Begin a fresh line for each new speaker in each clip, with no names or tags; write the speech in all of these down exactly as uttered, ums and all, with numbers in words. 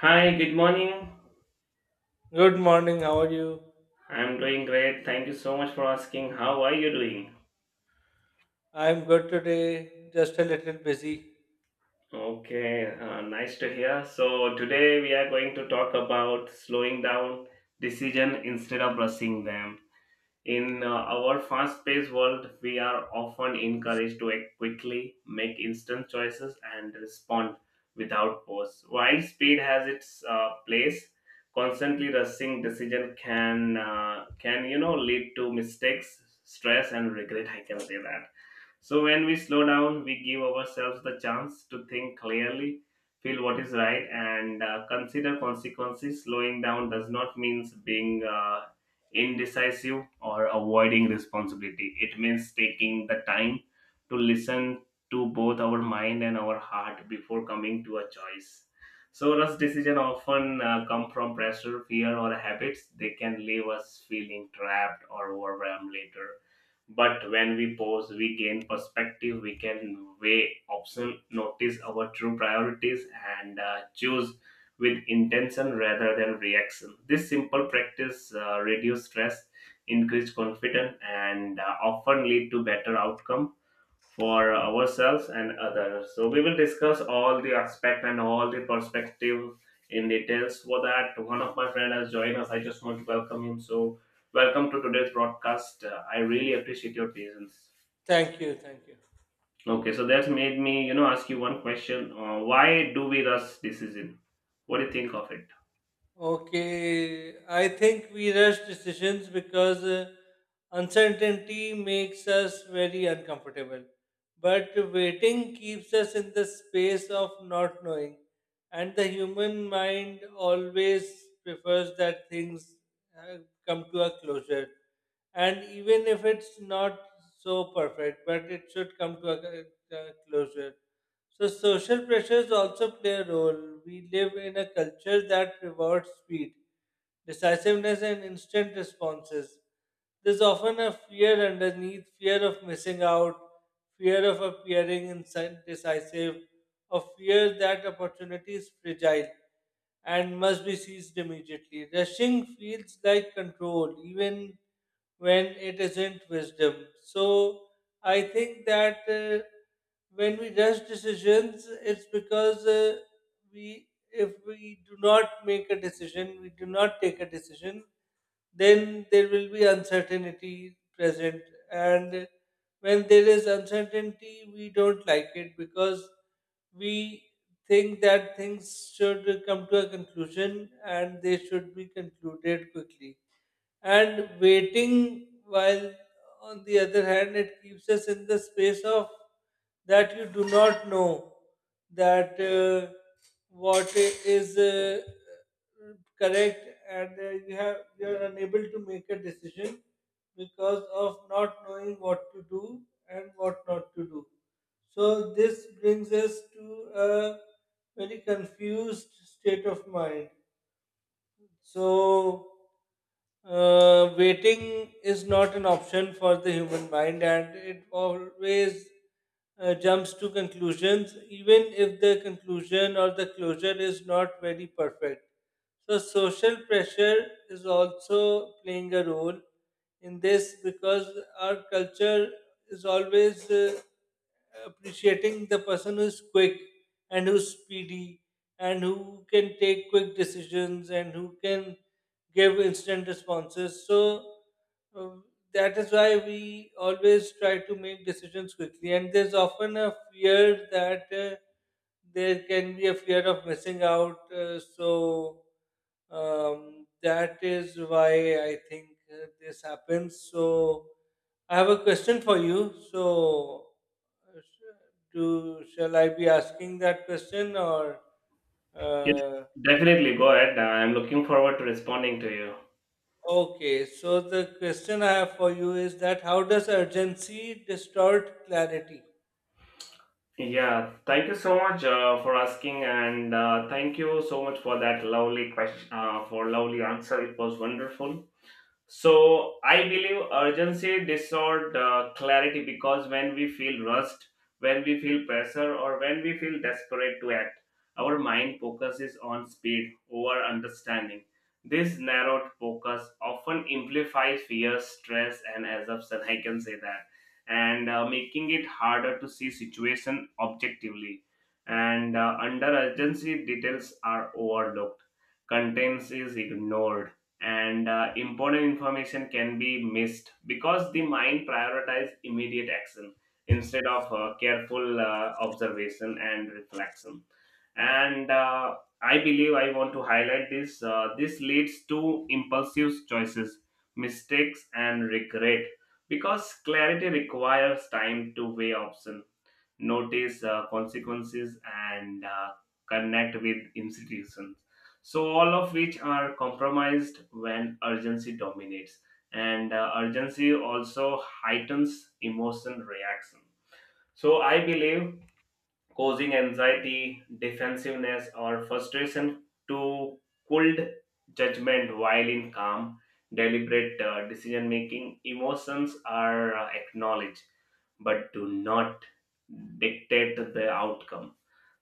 Hi, good morning.
Good morning, how are you?
I'm doing great. Thank you so much for asking. How are you doing?
I'm good today, just a little busy.
Okay, uh, nice to hear. So, today we are going to talk about slowing down decision instead of rushing them. In uh, our fast paced world, we are often encouraged to act quickly, make instant choices, and respond without pause. While speed has its uh, place, constantly rushing decision can uh, can you know lead to mistakes, stress, and regret. I can say that. So when we slow down, we give ourselves the chance to think clearly, feel what is right, and uh, consider consequences. Slowing down does not mean being uh, indecisive, or avoiding responsibility. It means taking the time to listen to both our mind and our heart before coming to a choice. So, rush decision often uh, come from pressure, fear, or habits. They can leave us feeling trapped or overwhelmed later. But when we pause, we gain perspective. We can weigh options, notice our true priorities, and uh, choose with intention rather than reaction. This simple practice uh, reduce stress, increase confidence, and uh, often lead to better outcome for ourselves and others. So we will discuss all the aspect and all the perspective in details. For that, one of my friend has joined us. I just want to welcome him. So welcome to today's broadcast. Uh, I really appreciate your presence.
Thank you, thank you.
Okay, so that's made me, you know, ask you one question. Uh, why do we rush decision? What do you think of it?
Okay, I think we rush decisions because uh, uncertainty makes us very uncomfortable. But waiting keeps us in the space of not knowing. And the human mind always prefers that things uh, come to a closure. And even if it's not so perfect, but it should come to a, a closure. So social pressures also play a role. We live in a culture that rewards speed, decisiveness, and instant responses. There's often a fear underneath, fear of missing out, fear of appearing indecisive, or fear that opportunity is fragile and must be seized immediately. Rushing feels like control, even when it isn't wisdom. So I think that uh, when we rush decisions, it's because uh, we, if we do not make a decision, we do not take a decision, then there will be uncertainty present. And when there is uncertainty, we don't like it because we think that things should come to a conclusion and they should be concluded quickly, and waiting, while on the other hand, it keeps us in the space of that you do not know that uh, what i- is uh, correct, and uh, you have you are unable to make a decision because of not knowing what to do and what not to do, so this brings us to a very confused state of mind. So uh, waiting is not an option for the human mind, and it always uh, jumps to conclusions, even if the conclusion or the closure is not very perfect. So, social pressure is also playing a role in this because our culture is always uh, appreciating the person who's quick and who's speedy and who can take quick decisions and who can give instant responses. So um, that is why we always try to make decisions quickly. And there's often a fear that uh, there can be a fear of missing out. Uh, so um, that is why I think uh, this happens. So I have a question for you. So uh, sh- do shall I be asking that question, or?
Yes,
Uh,
definitely. Go ahead. Uh, I'm looking forward to responding to you.
Okay, so the question I have for you is that, how does urgency distort clarity?
Yeah, thank you so much uh, for asking, and uh, thank you so much for that lovely question, uh, for lovely answer. It was wonderful. So I believe urgency distort uh, clarity because when we feel rushed, when we feel pressure, or when we feel desperate to act, our mind focuses on speed over understanding. This narrowed focus often amplifies fear, stress, and assumption. I can say that, and uh, making it harder to see situation objectively. And uh, under urgency, details are overlooked, contents is ignored, and uh, important information can be missed because the mind prioritizes immediate action instead of uh, careful uh, observation and reflection. And uh, I believe I want to highlight this uh, this leads to impulsive choices, mistakes, and regret because clarity requires time to weigh options, notice uh, consequences, and uh, connect with institutions, so all of which are compromised when urgency dominates. And uh, urgency also heightens emotion reaction, so I believe causing anxiety, defensiveness, or frustration to cold judgment, while in calm, deliberate uh, decision making, emotions are uh, acknowledged but do not dictate the outcome.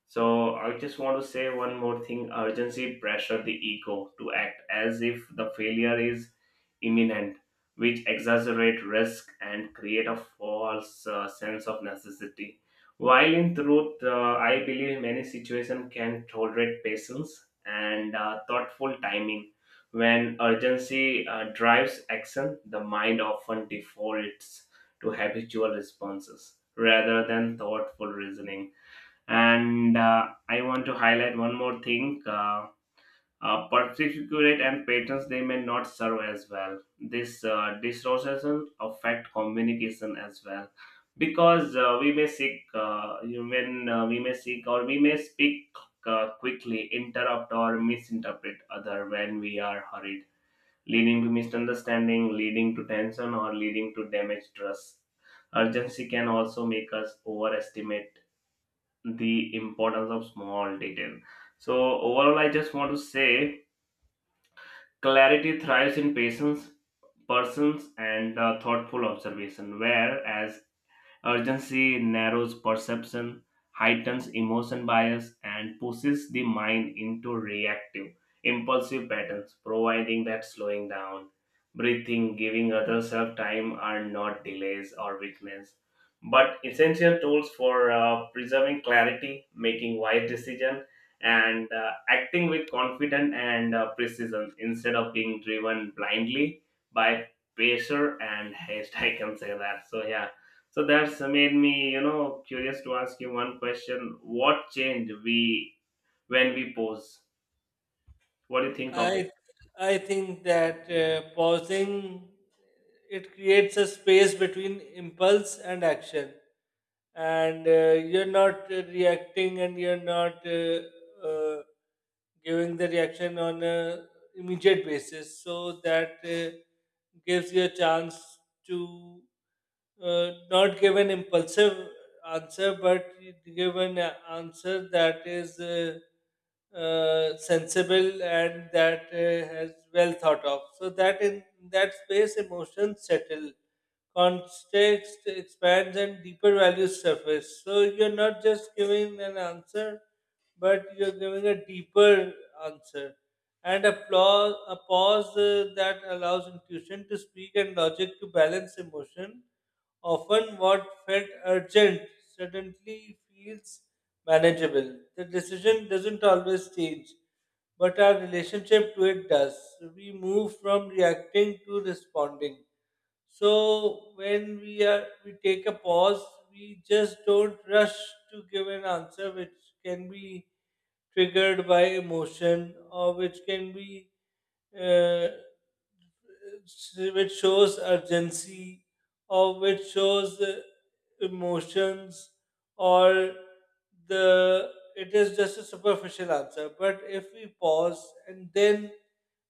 So I just want to say one more thing. Urgency pressure the ego to act as if the failure is imminent, which exaggerate risk and create a false uh, sense of necessity. While in truth, uh, I believe many situations can tolerate patience and uh, thoughtful timing. When urgency uh, drives action, the mind often defaults to habitual responses rather than thoughtful reasoning. And uh, I want to highlight one more thing. Uh, uh, particulate and patterns, they may not serve as well. This uh, dissociation affect communication as well because uh, we may seek uh, when uh, we may seek or we may speak uh, quickly, interrupt or misinterpret other when we are hurried, leading to misunderstanding, leading to tension, or leading to damaged trust. Urgency can also make us overestimate the importance of small detail. So overall, I just want to say clarity thrives in patience, persons, and uh, thoughtful observation, whereas urgency narrows perception, heightens emotion bias, and pushes the mind into reactive, impulsive patterns, providing that slowing down, breathing, giving other self time are not delays or weakness, but essential tools for uh, preserving clarity, making wise decisions, and uh, acting with confidence and uh, precision instead of being driven blindly by pressure and haste. I can say that. So, yeah, so that's made me, you know, curious to ask you one question. What change we when we pose? What do you think of it?
I I think that uh, pausing, it creates a space between impulse and action, and uh, you're not uh, reacting and you're not uh, uh, giving the reaction on a immediate basis, so that uh, gives you a chance to uh, not give an impulsive answer, but give an answer that is uh, uh, sensible and that uh, has well thought of. So that in that space, emotions settle, context expands, and deeper values surface. So you're not just giving an answer, but you're giving a deeper answer. And a pause, a pause uh, that allows intuition to speak and logic to balance emotion. Often, what felt urgent suddenly feels manageable. The decision doesn't always change, but our relationship to it does. We move from reacting to responding. So when we are we take a pause, we just don't rush to give an answer which can be triggered by emotion, or which can be uh, which shows urgency, or which shows uh, emotions, or the it is just a superficial answer. But if we pause and then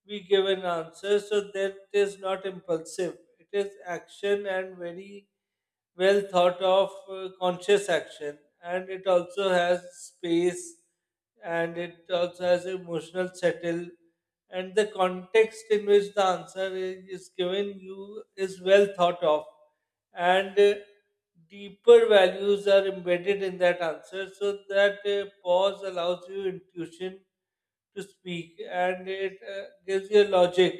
we give an answer, so that is not impulsive. It is action and very well thought of uh, conscious action. And it also has space, and it also has emotional settle. And the context in which the answer is given you is well thought of, and uh, deeper values are embedded in that answer, so that uh, pause allows you intuition to speak, and it uh, gives you logic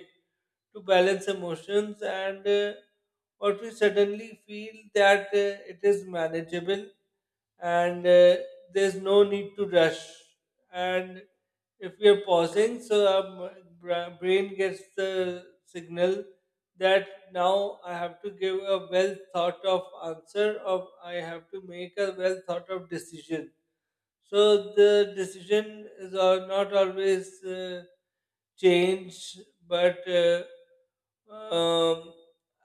to balance emotions, and uh, what we suddenly feel that uh, it is manageable, and uh, there's no need to rush. And if we are pausing, so our m- bra- brain gets the signal that now I have to give a well thought of answer, or I have to make a well thought of decision. So the decision is al- not always uh, changed, but uh, um,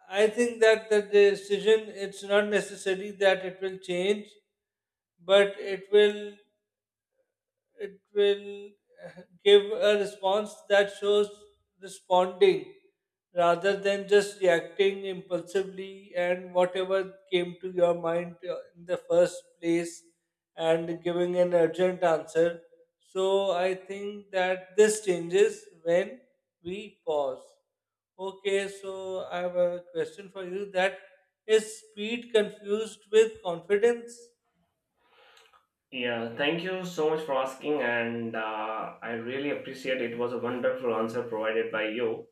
I think that the decision, it's not necessary that it will change, but it will it will uh, give a response that shows responding rather than just reacting impulsively and whatever came to your mind uh, in the first place, and giving an urgent answer. So I think that this changes when we pause. Okay, so I have a question for you, that is speed confused with confidence?
Yeah, thank you so much for asking, and uh, I really appreciate it. Was a wonderful answer provided by you.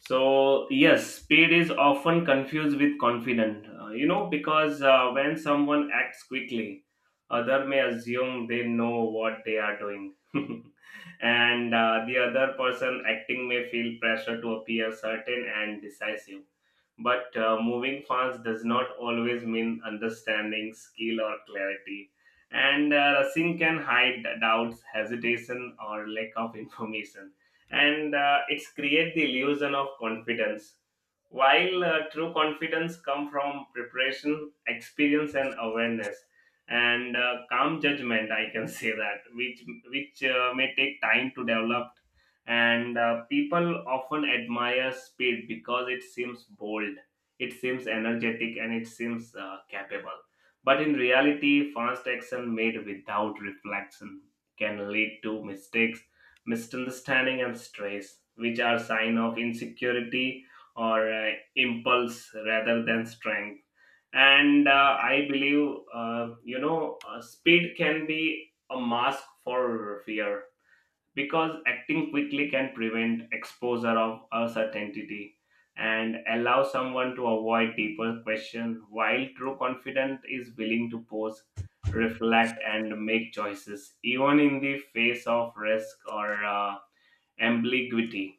So, yes, speed is often confused with confident, uh, you know, because uh, when someone acts quickly, other may assume they know what they are doing. And uh, the other person acting may feel pressure to appear certain and decisive. But uh, moving fast does not always mean understanding, skill, or clarity. And uh, rushing can hide doubts, hesitation, or lack of information, and uh, it's create the illusion of confidence while uh, true confidence come from preparation, experience, and awareness, and uh, calm judgment, I can say that, which which uh, may take time to develop. And uh, people often admire speed because it seems bold, it seems energetic, and it seems uh, capable, but in reality fast action made without reflection can lead to mistakes, misunderstanding, and stress, which are sign of insecurity or uh, impulse rather than strength. And uh, I believe uh, you know uh, speed can be a mask for fear because acting quickly can prevent exposure of uncertainty and allow someone to avoid deeper question, while true confidence is willing to pause, reflect, and make choices even in the face of risk or uh, ambiguity.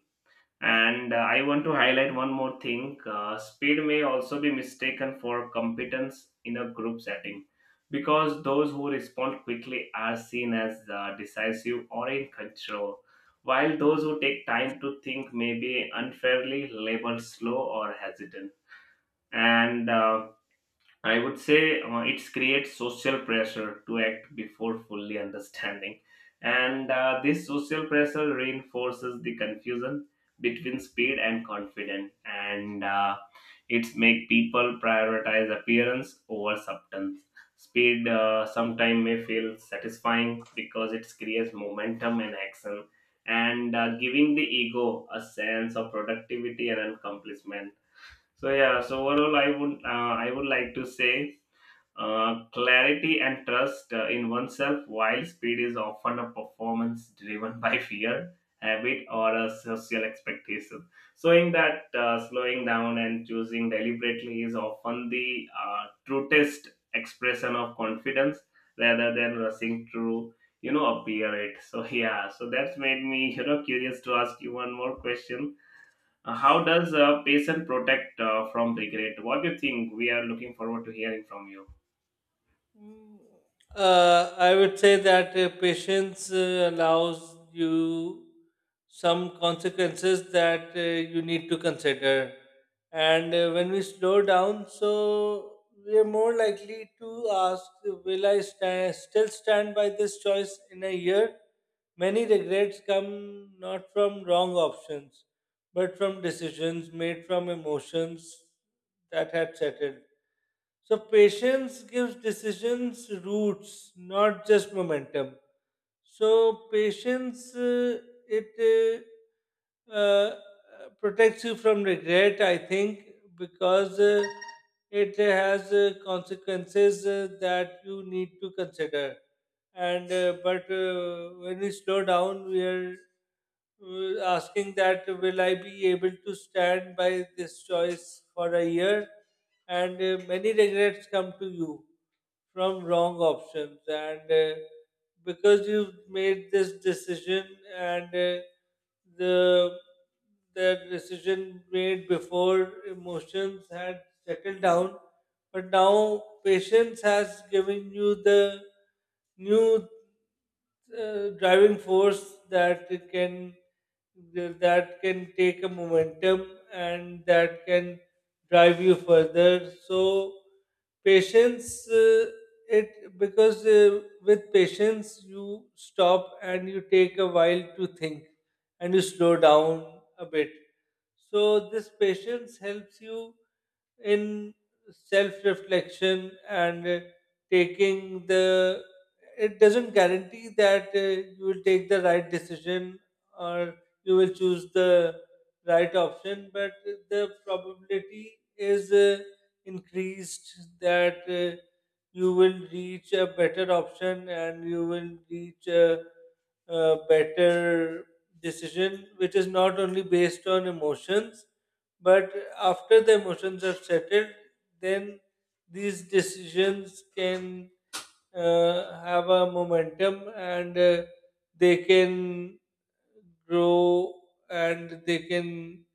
And uh, I want to highlight one more thing. Uh, speed may also be mistaken for competence in a group setting because those who respond quickly are seen as uh, decisive or in control, while those who take time to think may be unfairly labeled slow or hesitant. And uh, I would say uh, it creates social pressure to act before fully understanding. And uh, this social pressure reinforces the confusion between speed and confidence. And uh, it's make people prioritize appearance over substance. Speed uh, sometimes may feel satisfying because it creates momentum and action, and uh, giving the ego a sense of productivity and accomplishment. So yeah, so overall, I would uh, I would like to say uh, clarity and trust uh, in oneself. While speed is often a performance driven by fear, habit, or a social expectation, so in that uh, slowing down and choosing deliberately is often the uh, truest expression of confidence rather than rushing through you know appear it. So yeah, so that's made me you know curious to ask you one more question. Uh, how does a patient protect uh, from regret? What do you think? We are looking forward to hearing from you.
Mm, Uh, I would say that uh, patience uh, allows you some consequences that uh, you need to consider. And uh, when we slow down, so we are more likely to ask, will I stand, still stand by this choice in a year? Many regrets come not from wrong options, but from decisions made from emotions that had settled. So patience gives decisions roots, not just momentum. So patience uh, it uh, uh, protects you from regret, I think, because uh, it has uh, consequences uh, that you need to consider. And uh, but uh, when we slow down, we are uh, asking that, will I be able to stand by this choice for a year? And uh, many regrets come to you from wrong options, and uh, because you've made this decision. And uh, the the decision made before emotions had settled down, but now patience has given you the new uh, driving force that it can that can take a momentum and that can drive you further. So patience, uh, it, because uh, with patience you stop and you take a while to think and you slow down a bit. So this patience helps you in self-reflection, and uh, taking the, it doesn't guarantee that uh, you will take the right decision or you will choose the right option, but the probability is uh, increased that uh, you will reach a better option and you will reach a uh, better decision, which is not only based on emotions, but after the emotions have settled, then these decisions can uh, have a momentum, and uh, they can grow and they can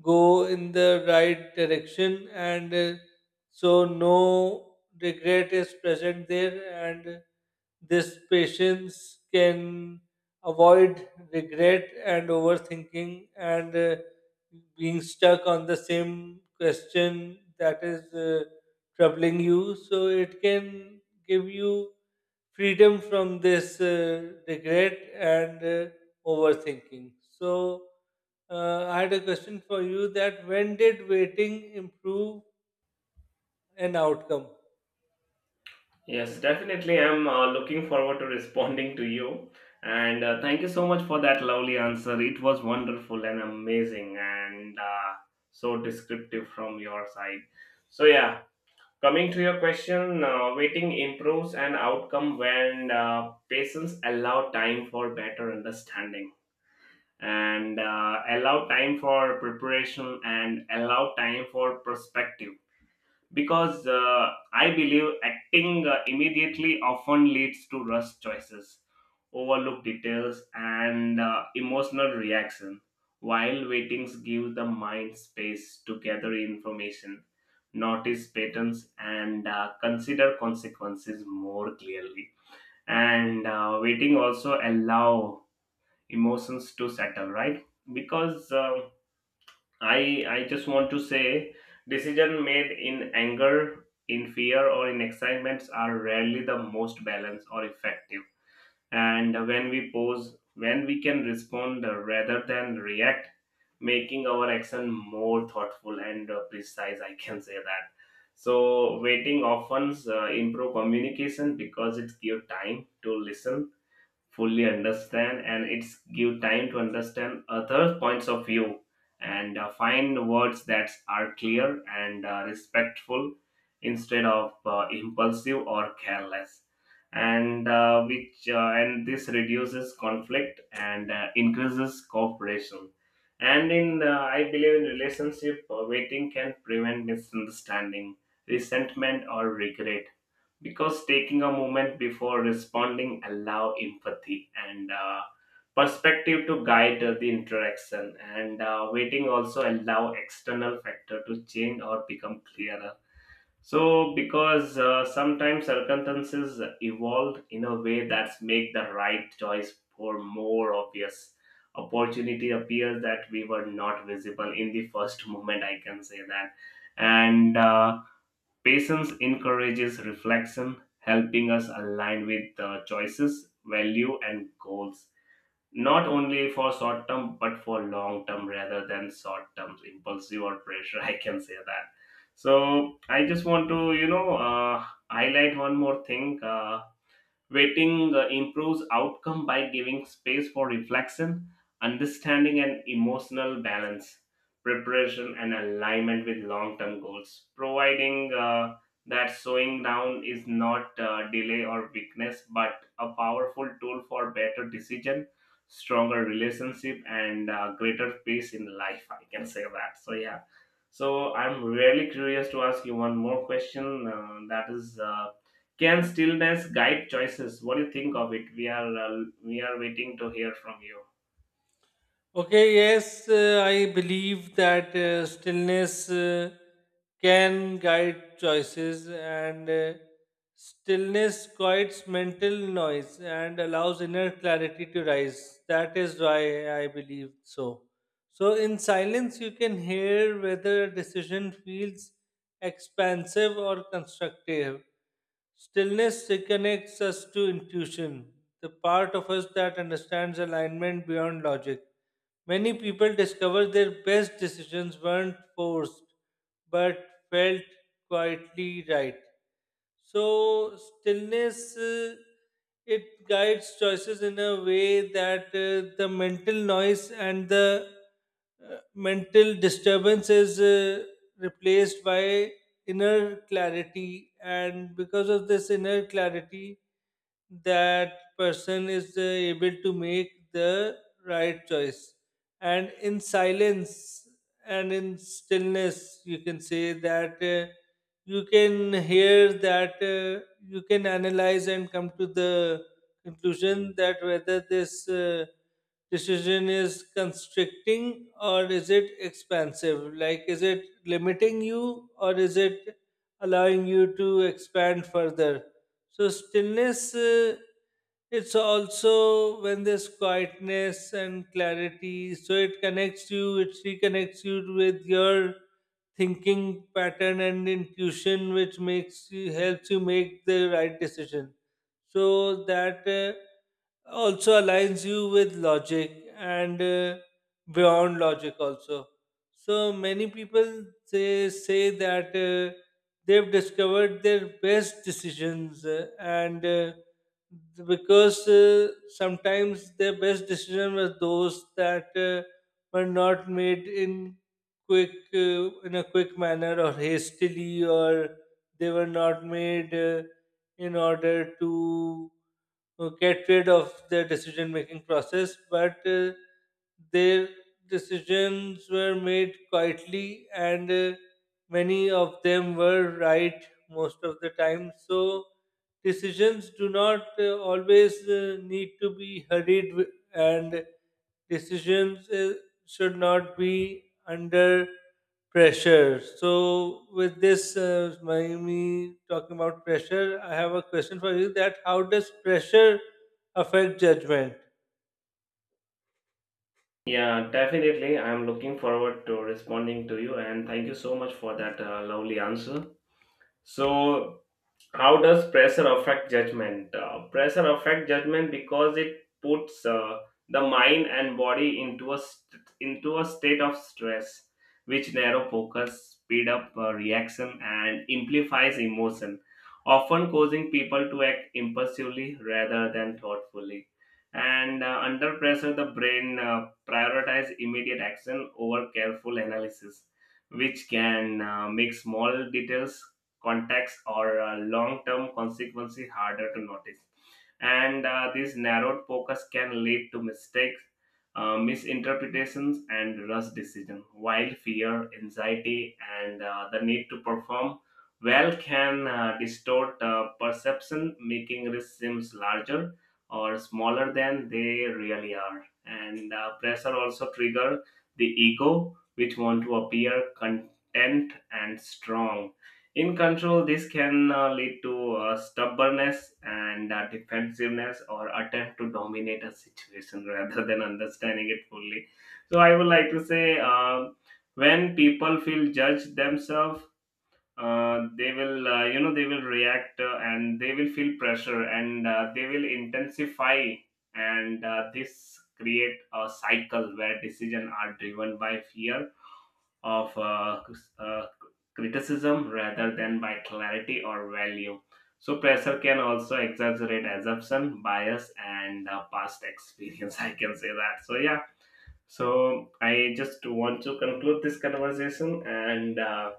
go in the right direction. And uh, so no regret is present there. And this patience can avoid regret and overthinking, and uh, being stuck on the same question that is uh, troubling you, so it can give you freedom from this uh, regret and uh, overthinking. So, uh, I had a question for you, that when did waiting improve an outcome?
Yes, definitely. I'm uh, looking forward to responding to you. And uh, thank you so much for that lovely answer. It was wonderful and amazing, and uh, so descriptive from your side. So, yeah, coming to your question, uh, waiting improves an outcome when uh, patients allow time for better understanding, and uh, allow time for preparation, and allow time for perspective, because uh, I believe acting uh, immediately often leads to rush choices, overlooked details, and uh, emotional reaction, while waitings give the mind space to gather information, notice patterns, and uh, consider consequences more clearly. And uh, waiting also allow emotions to settle right because um, i i just want to say decision made in anger, in fear, or in excitements are rarely the most balanced or effective, and when we pause, when we can respond rather than react, making our action more thoughtful and uh, precise, I can say that. So waiting often uh, improve communication because it gives time to listen fully, understand, and it's give time to understand other points of view, and uh, find words that are clear and uh, respectful instead of uh, impulsive or careless, and uh, which uh, and this reduces conflict and uh, increases cooperation. And in uh, I believe in relationship, uh, waiting can prevent misunderstanding, resentment, or regret because taking a moment before responding allow empathy and uh, perspective to guide uh, the interaction. And uh, waiting also allow external factor to change or become clearer, so because uh, sometimes circumstances evolve in a way that's make the right choice for more obvious, opportunity appears that we were not visible in the first moment, I can say that. And uh, patience encourages reflection, helping us align with the choices, value, and goals, not only for short term but for long term rather than short term impulsive or pressure. I can say that. So I just want to, you know, uh, highlight one more thing. Uh, Waiting uh, improves outcome by giving space for reflection, understanding, and emotional balance, preparation, and alignment with long term goals, providing uh, that slowing down is not uh, delay or weakness but a powerful tool for better decision, stronger relationship, and uh, greater peace in life, I can say that. So yeah, so I'm really curious to ask you one more question, uh, that is, uh, can stillness guide choices? What do you think of it? We are uh, we are waiting to hear from you.
Okay, yes, uh, I believe that uh, stillness uh, can guide choices. And uh, stillness quiets mental noise and allows inner clarity to rise. That is why I believe so. So, in silence, you can hear whether a decision feels expansive or constructive. Stillness reconnects us to intuition, the part of us that understands alignment beyond logic. Many people discover their best decisions weren't forced but felt quietly right. So stillness, uh, it guides choices in a way that uh, the mental noise and the uh, mental disturbance is uh, replaced by inner clarity, and because of this inner clarity that person is uh, able to make the right choice. And in silence and in stillness, you can say that uh, you can hear that uh, you can analyze and come to the conclusion that whether this uh, decision is constricting or is it expansive, like is it limiting you or is it allowing you to expand further. So stillness, uh, it's also when there's quietness and clarity, so it connects you, it reconnects you with your thinking pattern and intuition, which makes you helps you make the right decision. So that uh, also aligns you with logic and uh, beyond logic also. So many people say, say that uh, they've discovered their best decisions, uh, and uh, because uh, sometimes their best decision were those that uh, were not made in quick uh, in a quick manner or hastily, or they were not made uh, in order to uh, get rid of their decision making process, but uh, their decisions were made quietly, and uh, many of them were right most of the time. So decisions do not uh, always uh, need to be hurried, wi- and decisions uh, should not be under pressure. So, with this, uh, my, me talking about pressure, I have a question for you: that how does pressure affect judgment?
Yeah, definitely. I'm looking forward to responding to you, and thank you so much for that uh, lovely answer. So how does pressure affect judgment? Uh, pressure affect judgment because it puts uh, the mind and body into a st- into a state of stress which narrow focus, speed up uh, reaction, and amplifies emotion, often causing people to act impulsively rather than thoughtfully. And uh, under pressure, the brain uh, prioritize immediate action over careful analysis, which can uh, make small details, contacts, or uh, long-term consequences harder to notice. And uh, this narrowed focus can lead to mistakes, uh, misinterpretations, and rush decision, while fear, anxiety, and uh, the need to perform well can uh, distort uh, perception, making risks seems larger or smaller than they really are. And uh, pressure also trigger the ego which want to appear content and strong in control. This can uh, lead to uh, stubbornness and uh, defensiveness or attempt to dominate a situation rather than understanding it fully. So, I would like to say um, when people feel judged themselves, uh, they will, uh, you know, they will react, uh, and they will feel pressure, and uh, they will intensify. And uh, this create a cycle where decisions are driven by fear of uh, uh, criticism rather than by clarity or value. So pressure can also exaggerate assumption, bias, and uh, past experience. I can say that. So yeah. So I just want to conclude this conversation, and uh,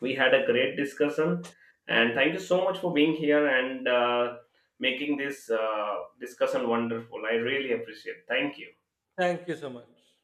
we had a great discussion. And thank you so much for being here and uh, making this uh, discussion wonderful. I really appreciate. Thank you.
Thank you so much.